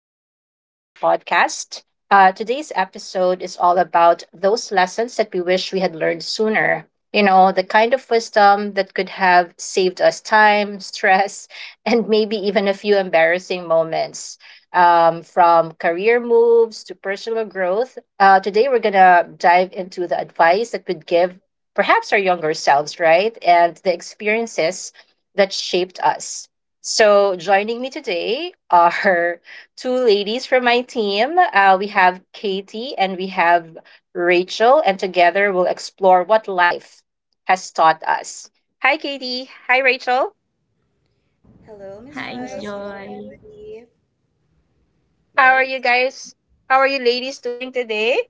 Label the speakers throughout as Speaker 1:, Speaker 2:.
Speaker 1: welcome to our podcast. Today's episode is all about those lessons that we wish we had learned sooner. You know, the kind of wisdom that could have saved us time, stress, and maybe even a few embarrassing moments. From career moves to personal growth, today we're going to dive into the advice that would give perhaps our younger selves, right? And the experiences that shaped us. So, joining me today are two ladies from my team. We have Katie and we have Rachel, and together we'll explore what life has taught us. Hi, Katie. Hi, Rachel.
Speaker 2: Hi, Miss Hello. Miss Joy. Jane.
Speaker 1: How are you guys? How are you ladies doing today?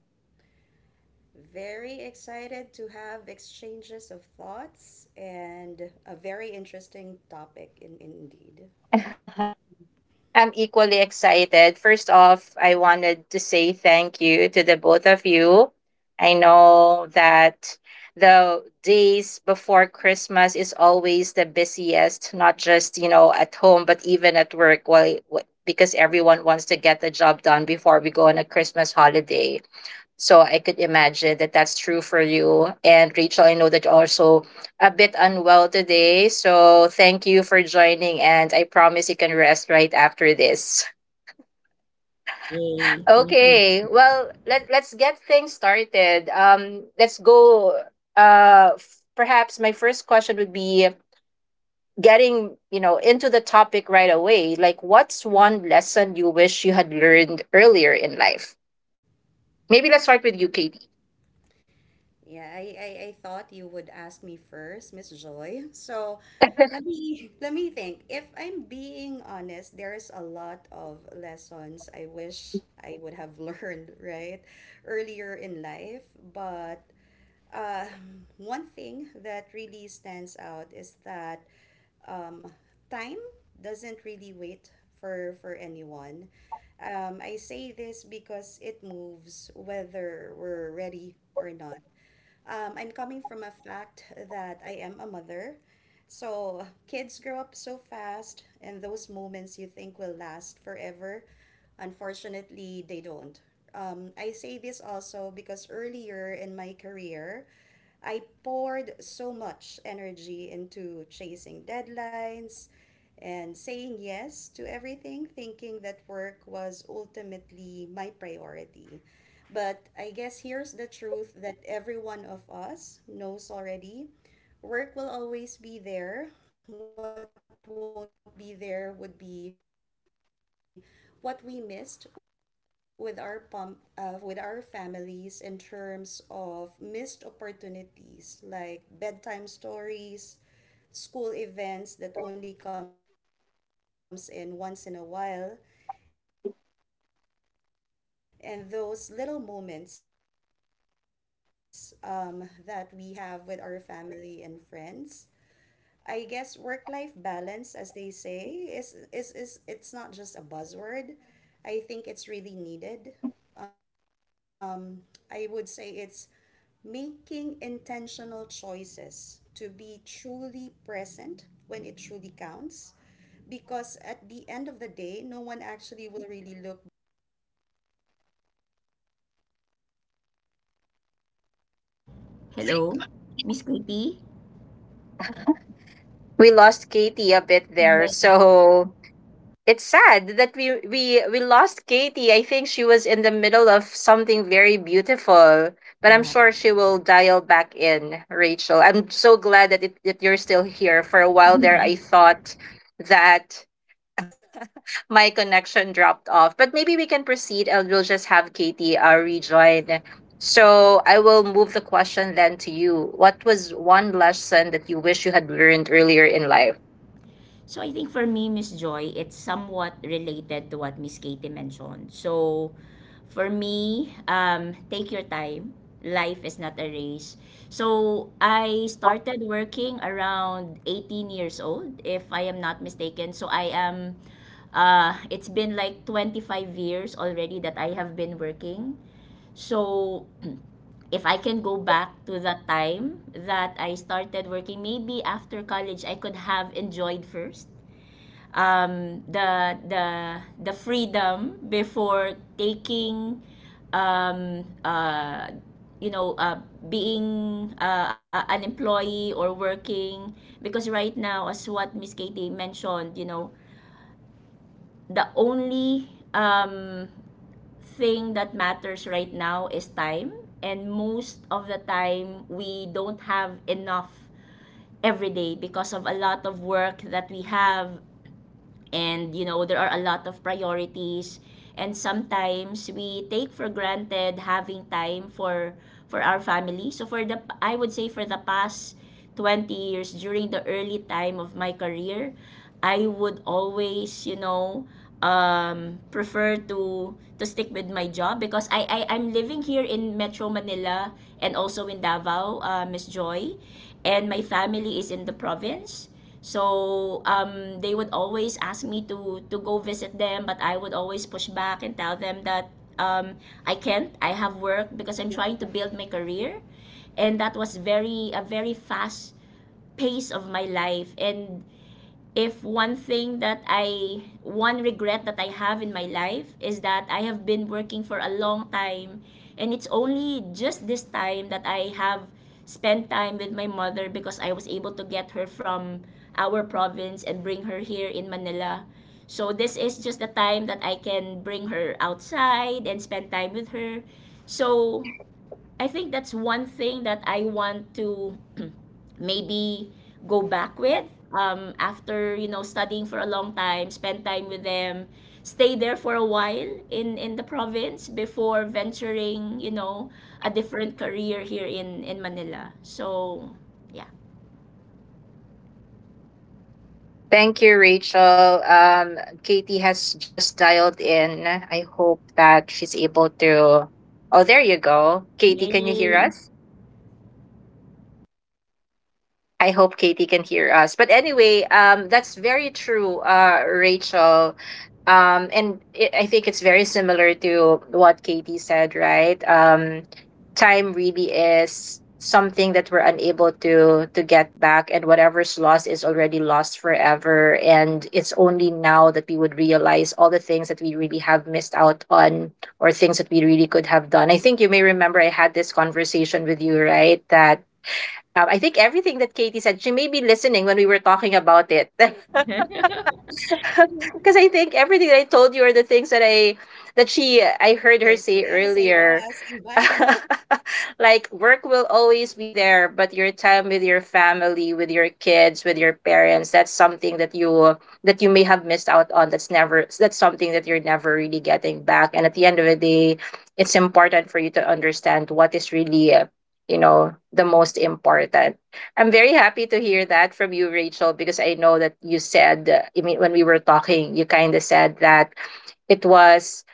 Speaker 1: I'm equally excited. First off, I wanted to say thank you to the both of you. I know that the days before Christmas is always the busiest, not just, you know, at home, but even at work, while, because everyone wants to get the job done before we go on a Christmas holiday. So I could imagine that that's true for you. And Rachel, I know that you're also a bit unwell today. So thank you for joining. And I promise you can rest right after this.
Speaker 2: Hey, thank you.
Speaker 1: Okay. Well, let's get things started. Let's go. Perhaps my first question would be getting, you know, into the topic right away. Like, what's one lesson you wish you had learned earlier in life? Maybe let's start with you, Katie.
Speaker 2: Hello, Miss Kitty.
Speaker 1: We lost Katie a bit there.
Speaker 2: Yeah.
Speaker 1: So it's sad that we lost Katie. I think she was in the middle of something very beautiful, but I'm
Speaker 2: Yeah.
Speaker 1: sure she will dial back in. Rachel, I'm so glad that that you're still here. For a while there, I thought that my connection dropped off, but maybe we can proceed and we'll just have Katie rejoin. So I will move the question then to you. What was one lesson that you wish you had learned earlier in life?
Speaker 2: So I think for me, Miss Joy, it's somewhat related to what Miss Katie mentioned. So for me, take your time. Life is not a race. So I started working around 18 years old, if I am not mistaken. So it's been like 25 years already that I have been working. So if I can go back to the time that I started working, maybe after college, I could have enjoyed first, um, the the the freedom before taking, um, uh, you know, uh, being an employee or working. Because right now, as what Miss Katie mentioned, you know, the only, um, thing that matters right now is time, and most of the time we don't have enough every day because of a lot of work that we have, and you know there are a lot of priorities, and sometimes we take for granted having time for our family. So for the I would say, for the past 20 years during the early time of my career, I would always, you know, prefer to stick with my job because I'm living here in Metro Manila and also in Davao, Miss Joy, and my family is in the province. So, they would always ask me to go visit them, but I would always push back and tell them that, I can't. I have work because I'm trying to build my career, and that was very a very fast pace of my life. And if one thing that one regret that I have in my life is that I have been working for a long time, and it's only just this time that I have spent time with my mother, because I was able to get her from our province and bring her here in Manila. So this is just the time that I can bring her outside and spend time with her. So I think that's one thing that I want to maybe go back with, after, you know, studying for a long time, spend time with them, stay there for a while in the province before venturing, you know, a different career here in Manila. So yeah,
Speaker 1: Thank you, Rachel. Katie has just dialed in. I hope that she's able to. Oh, there you go. Katie, can you hear
Speaker 2: yay,
Speaker 1: us? I hope Katie can hear us. But anyway, that's very true, Rachel. And it, I think it's very similar to what Katie said, right? Time really is something that we're unable to get back, and whatever's lost is already lost forever. And it's only now that we would realize all the things that we really have missed out on, or things that we really could have done. I think you may remember I had this conversation with you, right? That I think everything that Katie said, she may be listening when we were talking about it. Because I think everything that I told you are the things that she I heard her say earlier. Like work will always be there, but your time with your family, with your kids, with your parents, that's something that you may have missed out on. That's something that you're never really getting back. And at the end of the day, it's important for you to understand what is really, you know, the most important. I'm very happy to hear that from you, Rachel, because I know that you said, I mean, when we were talking, you kind of said that it was,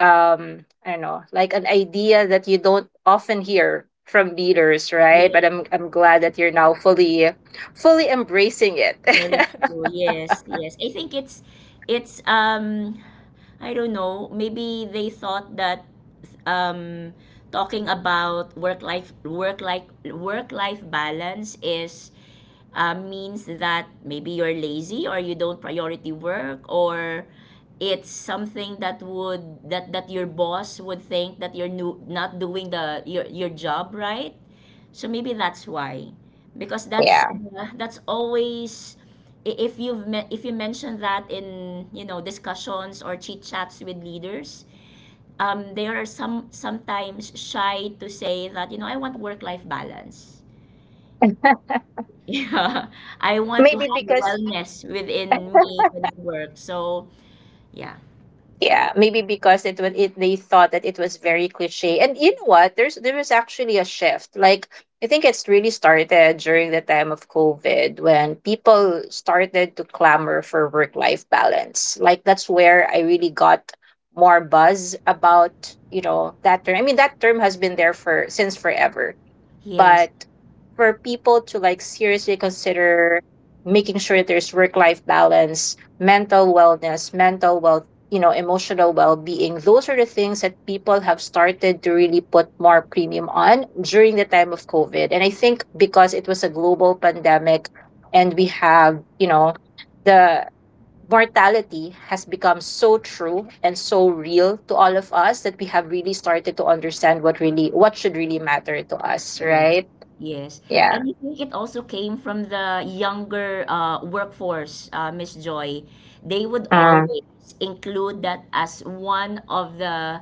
Speaker 1: I don't know, like an idea that you don't often hear from leaders, right? But
Speaker 2: yay.
Speaker 1: I'm glad that you're now fully embracing it.
Speaker 2: Very true. Yes, yes. I think it's, I don't know, maybe they thought that, um talking about work life balance is, means that maybe you're lazy or you don't priority work, or it's something that would that your boss would think that you're new, not doing the your job right. So maybe that's why, because
Speaker 1: Yeah.
Speaker 2: that's always, if you mention that in, you know, discussions or chit chats with leaders, they are sometimes shy to say that, you know, I want work life balance. Yeah, I want to
Speaker 1: Maybe
Speaker 2: have
Speaker 1: because
Speaker 2: wellness within me when I work. So, yeah.
Speaker 1: yeah,
Speaker 2: So,
Speaker 1: maybe because it was it they thought that it was very cliche. And you know what? There was actually a shift. Like I think it's really started during the time of COVID when people started to clamor for work-life balance. Like that's where I really got more buzz about, you know, that term. I mean, that term has been there for since forever,
Speaker 2: yes.
Speaker 1: but for people to like seriously consider making sure there's work life balance, mental wellness, mental well you know, emotional well-being, those are the things that people have started to really put more premium on during the time of COVID. And I think because it was a global pandemic, and we have, you know, the mortality has become so true and so real to all of us that we have really started to understand what should really matter to us,
Speaker 2: Yes,
Speaker 1: right?
Speaker 2: yes.
Speaker 1: Yeah.
Speaker 2: And I think it also came from the younger, workforce, Miss Joy. They would
Speaker 1: Mm.
Speaker 2: always include that as one of the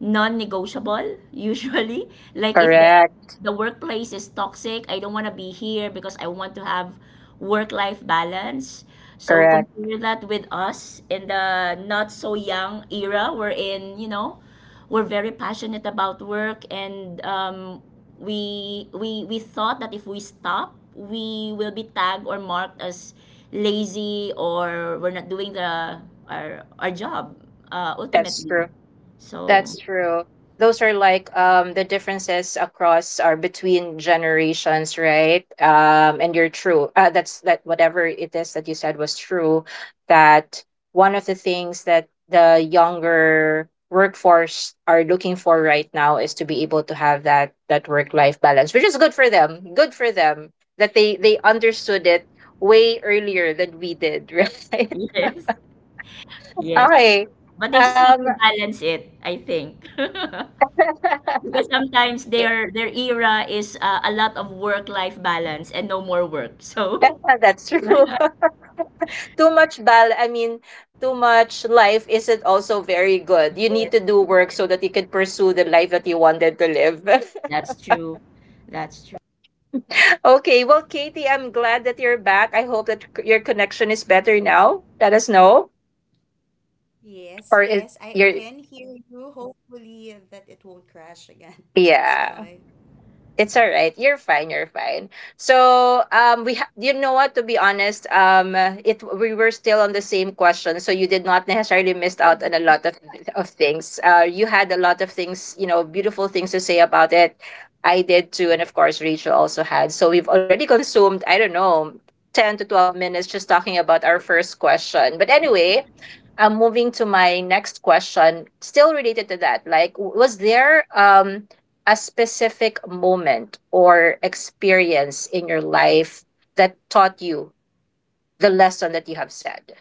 Speaker 2: non-negotiable, usually. Like if
Speaker 1: Correct.
Speaker 2: the workplace is toxic, I don't want to be here because I want to have work-life balance. So
Speaker 1: Correct.
Speaker 2: compare that with us in the not so young era we're in, you know, we're very passionate about work, and we thought that if we stop we will be tagged or marked as lazy, or we're not doing the our job,
Speaker 1: That's
Speaker 2: ultimately.
Speaker 1: true. That's
Speaker 2: So
Speaker 1: true. Those are like the differences across or between generations, right? And you're true. That's that whatever it is that you said was true. That one of the things that the younger workforce are looking for right now is to be able to have that work life balance, which is good for them. Good for them that they understood it way earlier than we did, right?
Speaker 2: yes, yes,
Speaker 1: Okay.
Speaker 2: but they just have
Speaker 1: Um.
Speaker 2: to balance it, I think. Because sometimes their era is, a lot of work life balance and no more work. So
Speaker 1: That's true. too much bal I mean, too much life isn't also very good. You need
Speaker 2: yes,
Speaker 1: to do work so that you can pursue the life that you wanted to live.
Speaker 2: that's true, that's true.
Speaker 1: Okay, well, Katie, I'm glad that you're back. I hope that your connection is better now. Let us know. Or is your yeah. It's all right. You're fine. You're fine. So, you know what? To be honest, it we were still on the same question, so you did not necessarily missed out on a lot of things. You had a lot of things, you know, beautiful things to say about it. I did too, and of course, Rachel also had. So we've already consumed. I don't know, ten to twelve minutes just talking about our first question. But anyway, I'm moving to my next question, still related to that. Like, was there a specific moment or experience in your life that taught you the lesson that you have said?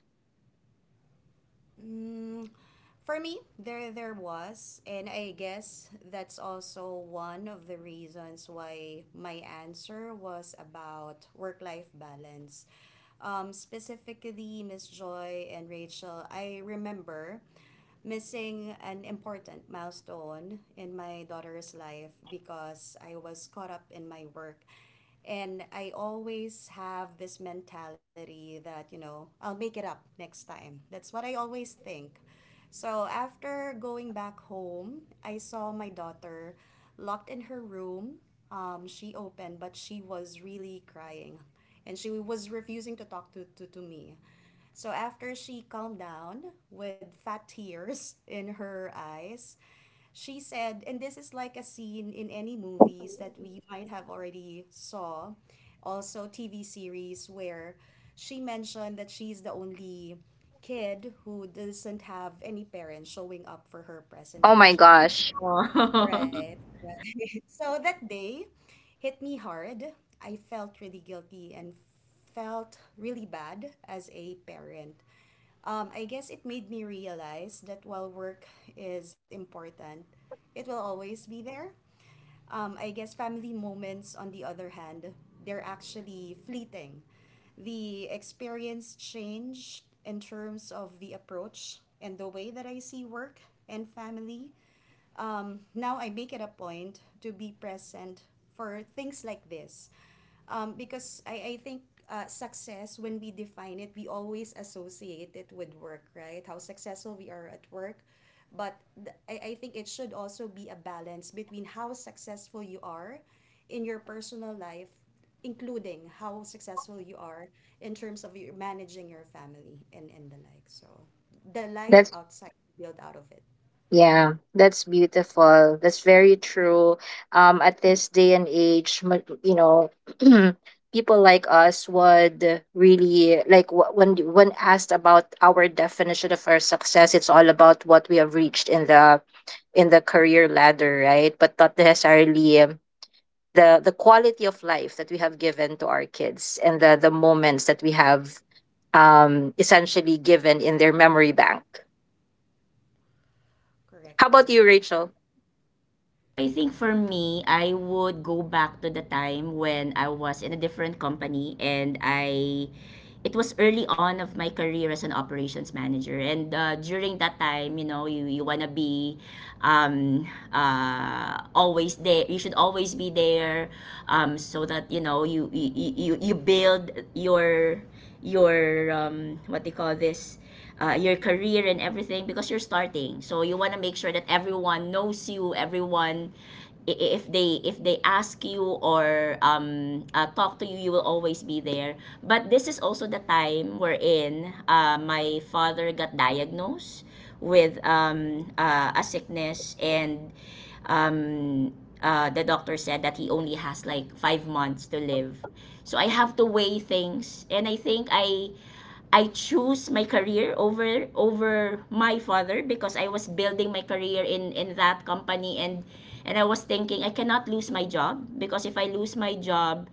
Speaker 1: Oh my gosh.
Speaker 2: Oh.
Speaker 1: That's yeah, that's beautiful. That's very true. Um, at this day and age, you know, people like us would really like when asked about our definition of our success, it's all about what we have reached in the career ladder, right? But not necessarily the quality of life that we have given to our kids and the moments that we have essentially given in their memory bank. How about you, Rachel?
Speaker 2: So I think for me, I would go back to the time when I was in a different company, and I it was early on of my career as an operations manager, and during that time, you know, you want to be, always there, you should always be there, so that, you know, you you build your what do you call this, your career and everything, because you're starting. So you want to make sure that everyone knows you, everyone, if they ask you, or, talk to you, you will always be there. But this is also the time wherein, my father got diagnosed with, a sickness, and, um, the doctor said that he only has like 5 months to live. So I have to weigh things, and I think I choose my career over my father, because I was building my career in that company, and I was thinking I cannot lose my job, because if I lose my job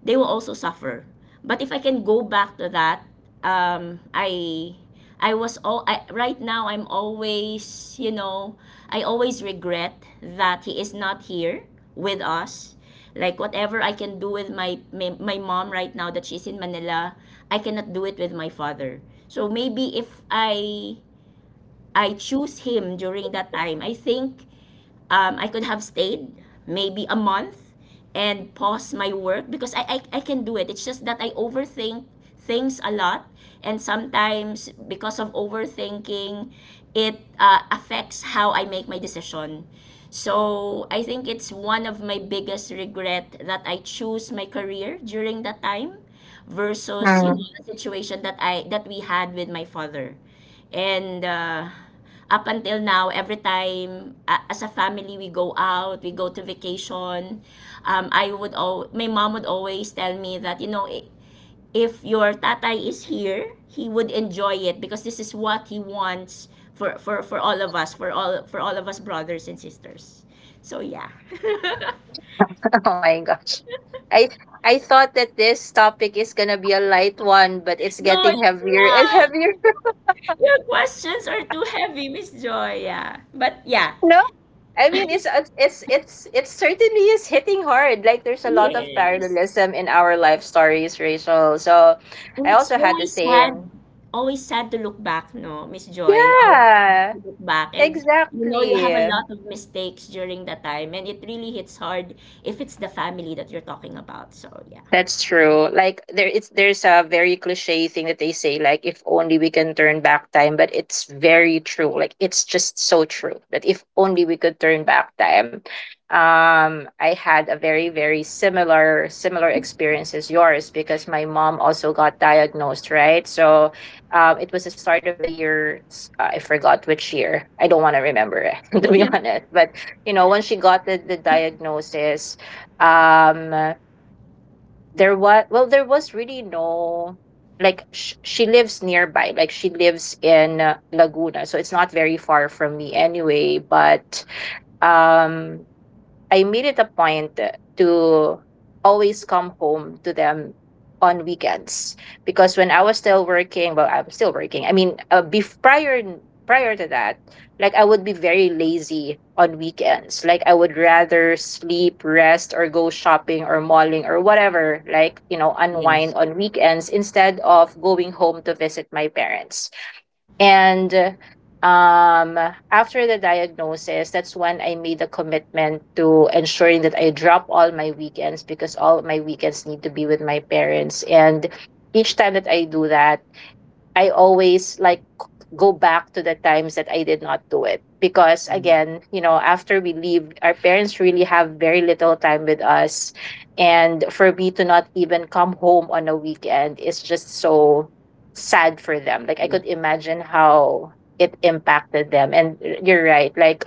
Speaker 2: they will also suffer. But if I can go back to that, um I I was all right now I'm always, you know, I always regret that he is not here with us. Like whatever I can do with my mom right now that she's in Manila, I cannot do it with my father. So maybe if I choose him during that time, I think, I could have stayed maybe a month and pause my work, because I can do it. It's just that I overthink things a lot, and sometimes because of overthinking it affects how I make my decision. So I think it's one of my biggest regret that I choose my career during that time versus, you
Speaker 1: Mm.
Speaker 2: know, the situation that I that we had with my father. And, up until now, every time, as a family, we go out, we go to vacation, my mom would always tell me that, you know, if your tatay is here, he would enjoy it, because this is what he wants for all of us, for all of us brothers and sisters. So yeah.
Speaker 1: Oh my gosh, i I thought that this topic is gonna be a light one, but it's
Speaker 2: No,
Speaker 1: getting
Speaker 2: it's
Speaker 1: heavier and
Speaker 2: not.
Speaker 1: heavier.
Speaker 2: Your questions are too heavy, Miss Joy. Yeah. But yeah.
Speaker 1: No, I mean, it's it certainly is hitting hard. Like there's a lot of
Speaker 2: Yes.
Speaker 1: parallelism in our life stories, Rachel. So I
Speaker 2: And it's
Speaker 1: also had the
Speaker 2: always sad,
Speaker 1: same.
Speaker 2: always sad to look back, no, Miss Joy, always sad
Speaker 1: Yeah,
Speaker 2: to look back. And you know, you have a
Speaker 1: exactly.
Speaker 2: lot of mistakes during that time, and it really hits hard if it's the family that you're talking about. So, yeah.
Speaker 1: That's true. Like there's a very cliche thing that they say, like if only we can turn back time, but it's very true. Like it's just so true that if only we could turn back time. Um, I had a very, similar experience as yours because my mom also got diagnosed, right? So it was the start of the I forgot which year. I don't want to remember to be honest. But you know, once she got the diagnosis, um, there was there was really no like she lives nearby, like she lives in Laguna, so it's not very far from me anyway. But um, I made it a point to always come home to them on weekends because when I was still working, well, I'm still working. I mean, prior to that, like I would be very lazy on weekends. Like I would rather sleep, rest, or go shopping or malling or whatever. Like you know,
Speaker 2: Yeah.
Speaker 1: unwind
Speaker 2: Yes.
Speaker 1: on weekends instead of going home to visit my parents. And um, after the diagnosis, that's when I made a commitment to ensuring that I drop all my weekends because all my weekends need to be with my parents. And each time that I do that, I always like go back to the times that I did not do it because
Speaker 2: Mm.
Speaker 1: again, you know, after we leave, our parents really have very little time with us. And for me to not even come home on a weekend is just so sad for them. Like I could
Speaker 2: Yes.
Speaker 1: imagine how it impacted them. And you're right. Like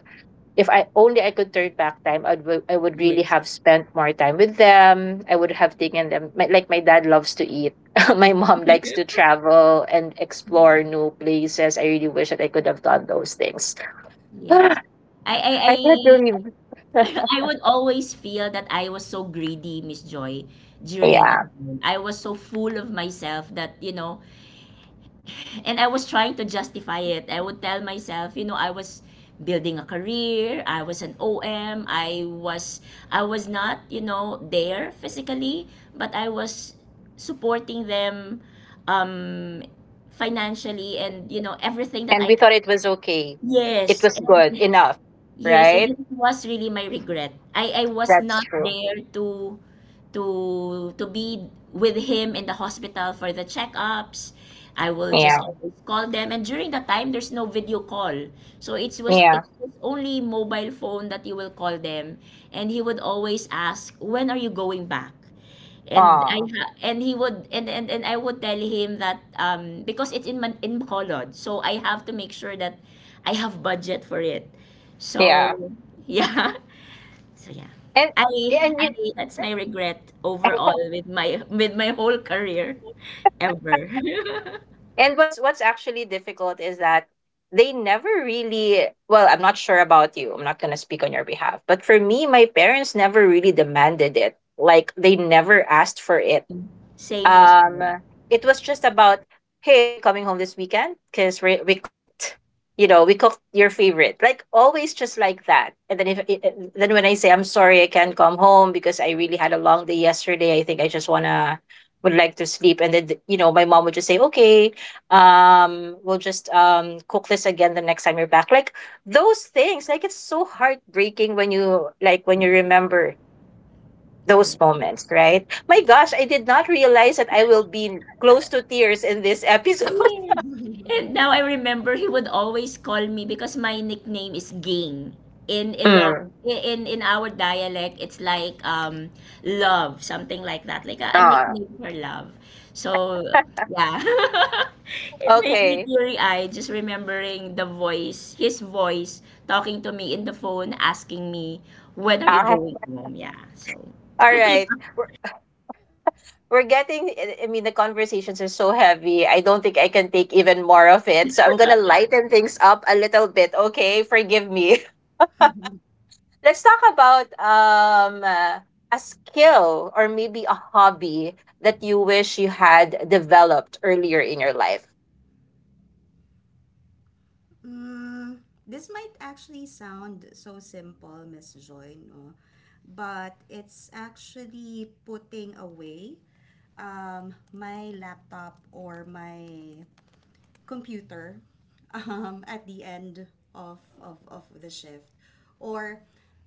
Speaker 1: if I only I could turn back time, I would really
Speaker 2: Yes.
Speaker 1: have spent more time with them. I would have taken them. Like my dad loves to eat. My mom
Speaker 2: Me
Speaker 1: likes to
Speaker 2: too.
Speaker 1: travel and
Speaker 2: Yeah.
Speaker 1: explore new places. I really wish that I could have done those things.
Speaker 2: Yes.
Speaker 1: I
Speaker 2: I
Speaker 1: had to leave.
Speaker 2: I would always feel that I was so greedy, Miss Joy, during that
Speaker 1: Yeah,
Speaker 2: time. I was so full of myself that, you know, and I was trying to justify it. I would tell myself, you know, I was building a career, I was an OM, I was not, you know, there physically, but I was supporting them, um financially, and you know everything that
Speaker 1: and
Speaker 2: I
Speaker 1: we
Speaker 2: can.
Speaker 1: thought it was okay. It
Speaker 2: Yes.
Speaker 1: was
Speaker 2: And
Speaker 1: good enough,
Speaker 2: yes, and
Speaker 1: right?
Speaker 2: it was really my regret. I was
Speaker 1: That's
Speaker 2: not
Speaker 1: true.
Speaker 2: there to to be with him in the hospital for the checkups. I will just
Speaker 1: Yeah,
Speaker 2: always call them, and during that time, there's no video call, so it was
Speaker 1: yeah.
Speaker 2: it was only mobile phone that you will call them, and he would always ask, "When are you going back?" And I
Speaker 1: Oh,
Speaker 2: ha and he would and I would tell him that, because it's in Man in Bacolod, so I have to make sure that I have budget for it.
Speaker 1: yeah.
Speaker 2: So, yeah. So, yeah.
Speaker 1: And
Speaker 2: I
Speaker 1: and
Speaker 2: I
Speaker 1: you.
Speaker 2: that's my regret overall with my whole career ever.
Speaker 1: And what's actually difficult is that they never really. Well, I'm not sure about you. I'm not gonna speak on your behalf. But for me, my parents never really demanded it. Like they never asked for it
Speaker 2: Same, same
Speaker 1: um
Speaker 2: mistake.
Speaker 1: it was just about, hey, are you coming home this weekend because we cooked, you know, we cooked your favorite, like always, just like that. And then if I- then when I say I'm sorry I can't come home because I really had a long day yesterday, I think I just wanna would like to sleep. And then you know, my mom would just say okay, we'll just cook this again the next time you're back. Like those things, like it's so heartbreaking when you, like, when
Speaker 2: Yes,
Speaker 1: you remember those
Speaker 2: yes.
Speaker 1: moments, right? My gosh, I did not realize that I will be close to tears in this episode.
Speaker 2: Yes. And now I remember he would always call me because my nickname is Ging. In Ilog,
Speaker 1: Mm.
Speaker 2: in our dialect, it's like, love, something like that. Like a
Speaker 1: Ah.
Speaker 2: nickname for love. So yeah. It made me
Speaker 1: Okay.
Speaker 2: teary-eyed just remembering the voice, his voice talking to me in the phone, asking me, when are you
Speaker 1: Ah.
Speaker 2: going home? Yeah. So
Speaker 1: All right. We're, we're getting, I mean, the conversations are so heavy. I don't think I can take even more of it. So I'm going to lighten things up a little bit. Okay. Forgive me. Let's talk about a skill or maybe a hobby that you wish you had developed earlier in your life.
Speaker 3: Mm, this might actually sound so simple, Miss Joy, no? But it's actually putting away my laptop or my computer at the end of the shift or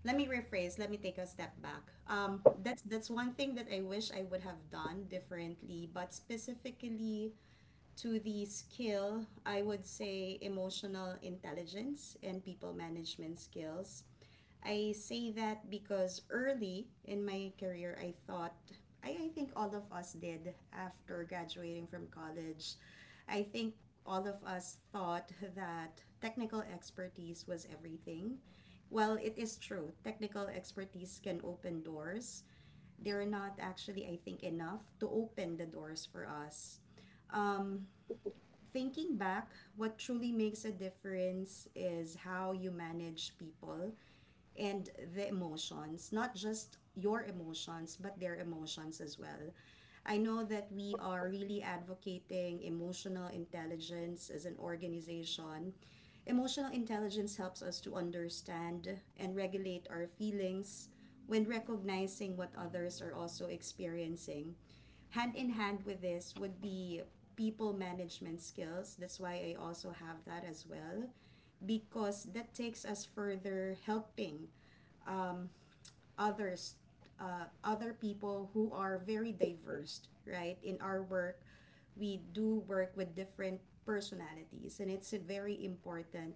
Speaker 3: let me rephrase, let me take a step back. That's one thing that I wish I would have done differently, but specifically to the skill I would say emotional intelligence and people management skills. I say that because early in my career, I thought, I think all of us did after graduating from college. I think all of us thought that technical expertise was everything. Well, it is true, technical expertise can open doors. They're not actually, I think, enough to open the doors for us. Um, Thinking back, what truly makes a difference is how you manage people and the emotions, not just your emotions, but their emotions as well. I know that we are really advocating emotional intelligence as an organization. Emotional intelligence helps us to understand and regulate our feelings when recognizing what others are also experiencing. Hand in hand with this would be people management skills. That's why I also have that as well, because that takes us further helping others, other people who are very diverse, right? In our work we do work with different personalities, and it's very important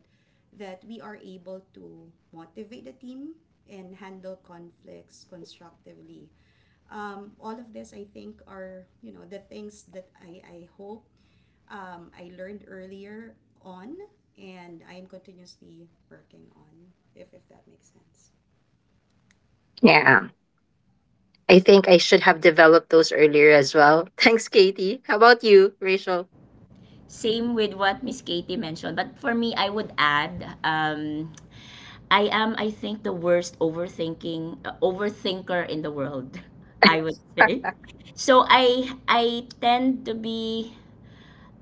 Speaker 3: that we are able to motivate the team and handle conflicts constructively. All of this, I think, are the things that I hope I learned earlier on and I am continuously working on, if that makes sense.
Speaker 1: Yeah. I think I should have developed those earlier as well. Thanks, Katie. How about you, Rachel?
Speaker 2: same with what Miss Katie mentioned. But for me, I would add, I am, I think, the worst overthinking, overthinker in the world, I would say. So I tend to be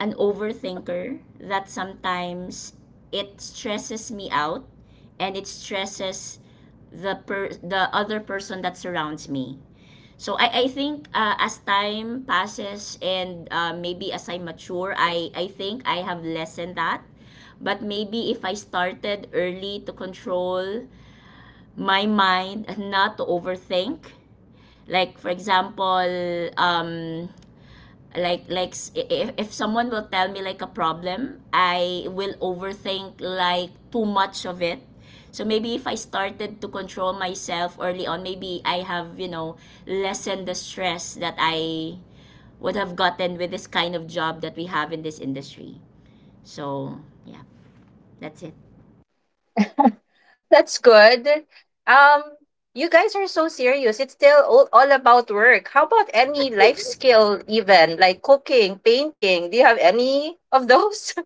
Speaker 2: an overthinker that sometimes it stresses me out, and it stresses the other person that surrounds me. So I think, as time passes, and, maybe as I mature, I think I have lessened that. But maybe if I started early to control my mind not to overthink, like for example, um if someone will tell me like a problem, I will overthink like too much of it. So maybe if I started to control myself early on, maybe I have, you know, lessened the stress that I would have gotten with this kind of job that we have in this industry. So yeah, that's it.
Speaker 1: That's good. Um, you guys are so serious. It's still all about work. How about any life skill, even like cooking, painting? Do you have any of those?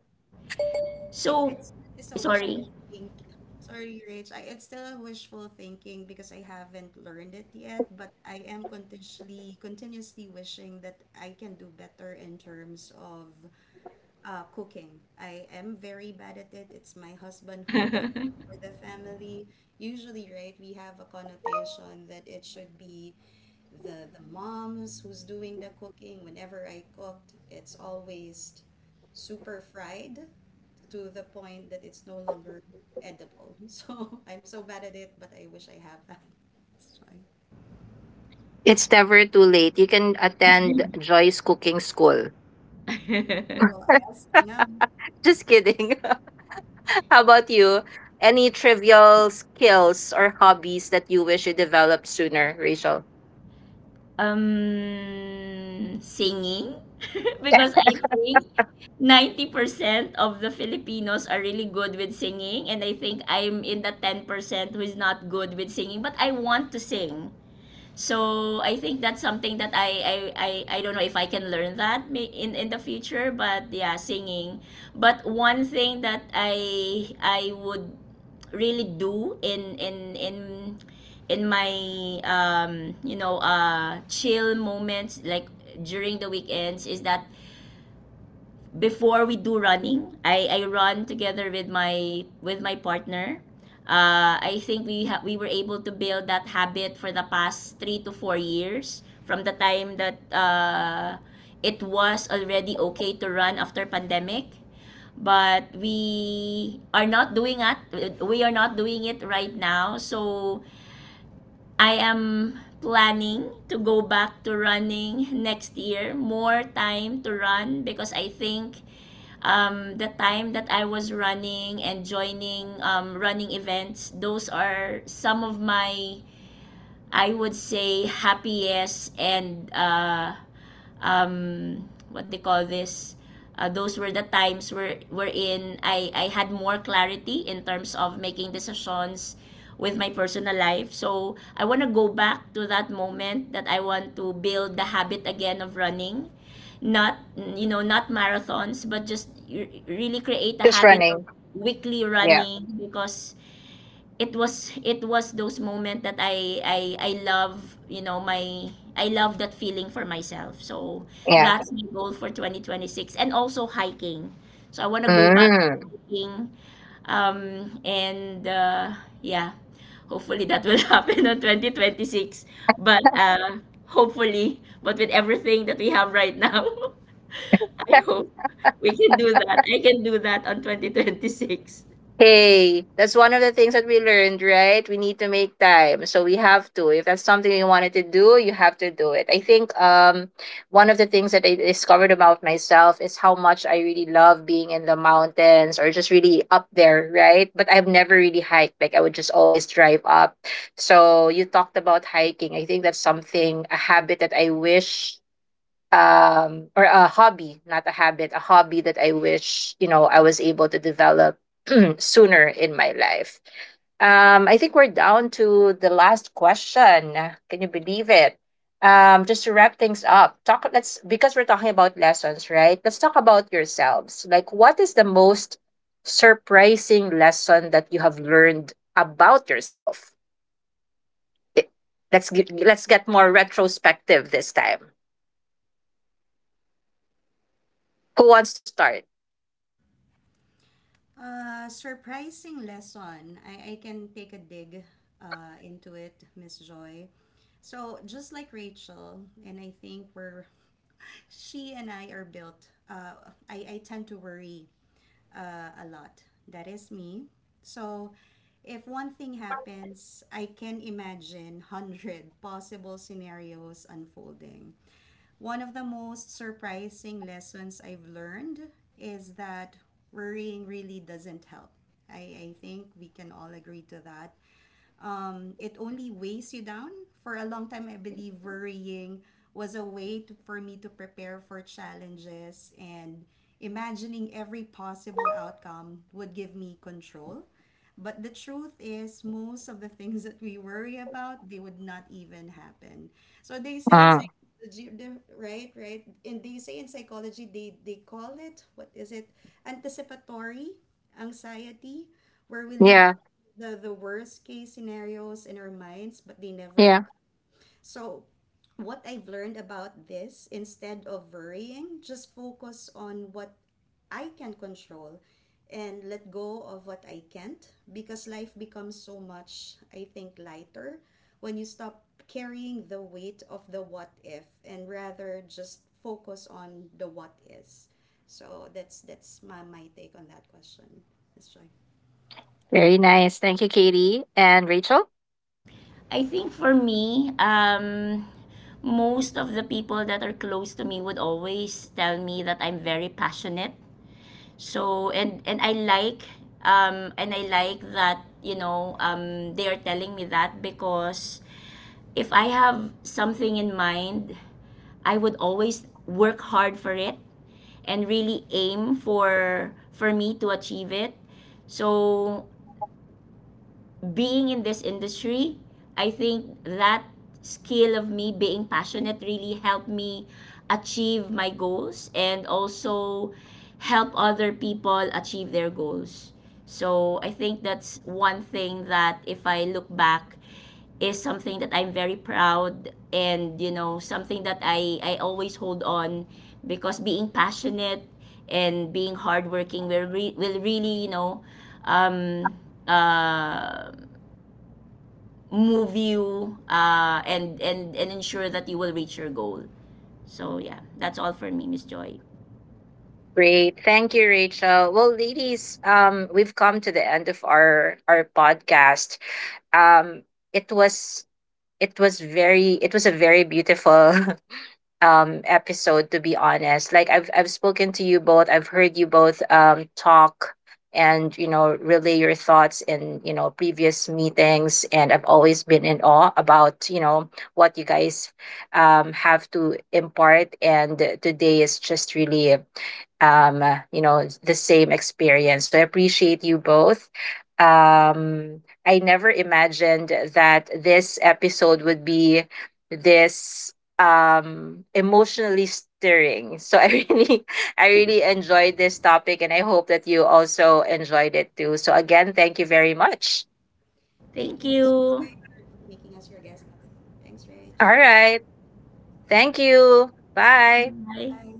Speaker 3: It's
Speaker 2: So
Speaker 3: it's a wishful
Speaker 2: sorry.
Speaker 3: think. Sorry, Rach. I, it's still a wishful thinking because I haven't learned it yet, but I am continuously wishing that I can do better in terms of cooking. I am very bad at it. It's my husband who does it for the family. Usually, right, we have a connotation that it should be the moms who's doing the cooking. Whenever I cooked, it's always super fried to the point that it's no longer edible. So I'm so bad at it, but I wish I have that. So I
Speaker 1: It's never too late. You can attend Joy's Cooking School.
Speaker 3: will. I ask you now.
Speaker 1: Just kidding. How about you? Any trivial skills or hobbies that you wish you developed sooner, Rachel?
Speaker 2: Singing? Because I think 90% of the Filipinos are really good with singing, and I think I'm in the 10% who is not good with singing, but I want to sing. So I think that's something that I don't know if I can learn that, in the future, but yeah, singing. But one thing that I would really do in my, chill moments, like during the weekends, is that before we do running, I run together with my partner. I think we ha- We were able to build that habit for the past 3 to 4 years from the time that, it was already okay to run after pandemic, but we are not doing it. We are not doing it right now. So I am planning to go back to running next year. More time to run, because I think, the time that I was running and joining, running events, those are some of my, I would say, happiest, and, um, what they call this, those were the times wherein I had more clarity in terms of making decisions with my personal life. So I want to go back to that moment. That I want to build the habit again of running, not, you know, not marathons, but just, really create a
Speaker 1: Just
Speaker 2: habit of
Speaker 1: running.
Speaker 2: weekly running, because it was those moments that I love, you know, my I love that feeling for myself. So
Speaker 1: Yeah.
Speaker 2: that's my goal for 2026, and also hiking. So I want to go back
Speaker 1: Mm.
Speaker 2: hiking, and yeah. Hopefully that will happen on 2026. But, hopefully, but with everything that we have right now, I hope we can do that. I can do that on 2026.
Speaker 1: Hey, that's one of the things that we learned, right? We need to make time. So we have to. If that's something you wanted to do, you have to do it. I think one of the things that I discovered about myself is how much I really love being in the mountains or just really up there, right? But I've never really hiked. Like I would just always drive up. So you talked about hiking. I think that's something, a habit that I wish, or a hobby, not a habit, a hobby that I wish, you know, I was able to develop sooner in my life. I think we're down to the last question. Can you believe it? Just to wrap things up, talk let's, because we're talking about lessons, right, let's talk about yourselves. Like, what is the most surprising lesson that you have learned about yourself? I- let's get, let's get more retrospective this time. Who wants to start?
Speaker 3: Surprising lesson. I can take a dig into it, Miss Joy. So just like Rachel, and I think we're she and I are built. I tend to worry a lot. That is me. So if one thing happens, I can imagine 100 possible scenarios unfolding. One of the most surprising lessons I've learned is that worrying really doesn't help. I think we can all agree to that. It only weighs you down. For a long time, I believe worrying was a way to, for me to prepare for challenges and imagining every possible outcome would give me control. But the truth is, most of the things that we worry about, they would not even happen. So they say in
Speaker 1: Mm.
Speaker 3: psychology, right, right, and they say in psychology, they call it, what is it? Anticipatory anxiety, where we leave
Speaker 1: Yeah.
Speaker 3: the worst case scenarios in our minds, but they never
Speaker 1: Yeah.
Speaker 3: occur. So, what I've learned about this, instead of worrying, just focus on what I can control and let go of what I can't, because life becomes so much, I think, lighter when you stop carrying the weight of the what if and rather just focus on the what is. So that's my, my take on that question, Ms. Joy.
Speaker 1: Very nice. Thank you, Katie and Rachel.
Speaker 2: I think for me, most of the people that are close to me would always tell me that I'm very passionate. So, and I like, and I like that, you know, they are telling me that, because if I have something in mind, I would always work hard for it and really aim for me to achieve it. So being in this industry, I think that skill of me being passionate really helped me achieve my goals, and also help other people achieve their goals. So I think that's one thing that if I look back, is something that I'm very proud, and, you know, something that I always hold on, because being passionate and being hardworking will, will really, you know, um uh move you, and ensure that you will reach your goal. So yeah, that's all for me, Miss Joy.
Speaker 1: Great. Thank you, Rachel. Well, ladies, we've come to the end of our podcast. Um, it was, it was very it was a very beautiful episode, to be honest. Like I've spoken to you both, I've heard you both talk and, you know, relay your thoughts in, you know, previous meetings, and I've always been in awe about, you know, what you guys have to impart. And today is just really you know, the same experience, so I appreciate you both. I never imagined that this episode would be this emotionally stirring, so I really I really enjoyed this topic, and I hope that you also enjoyed it too. So again, thank you very much.
Speaker 3: Thank
Speaker 2: Thank
Speaker 3: you, Ms.
Speaker 2: you.
Speaker 3: Joy, for making us your guest. Thanks,
Speaker 1: All
Speaker 3: Rich.
Speaker 1: right, thank you, bye.
Speaker 2: Bye.
Speaker 3: Bye.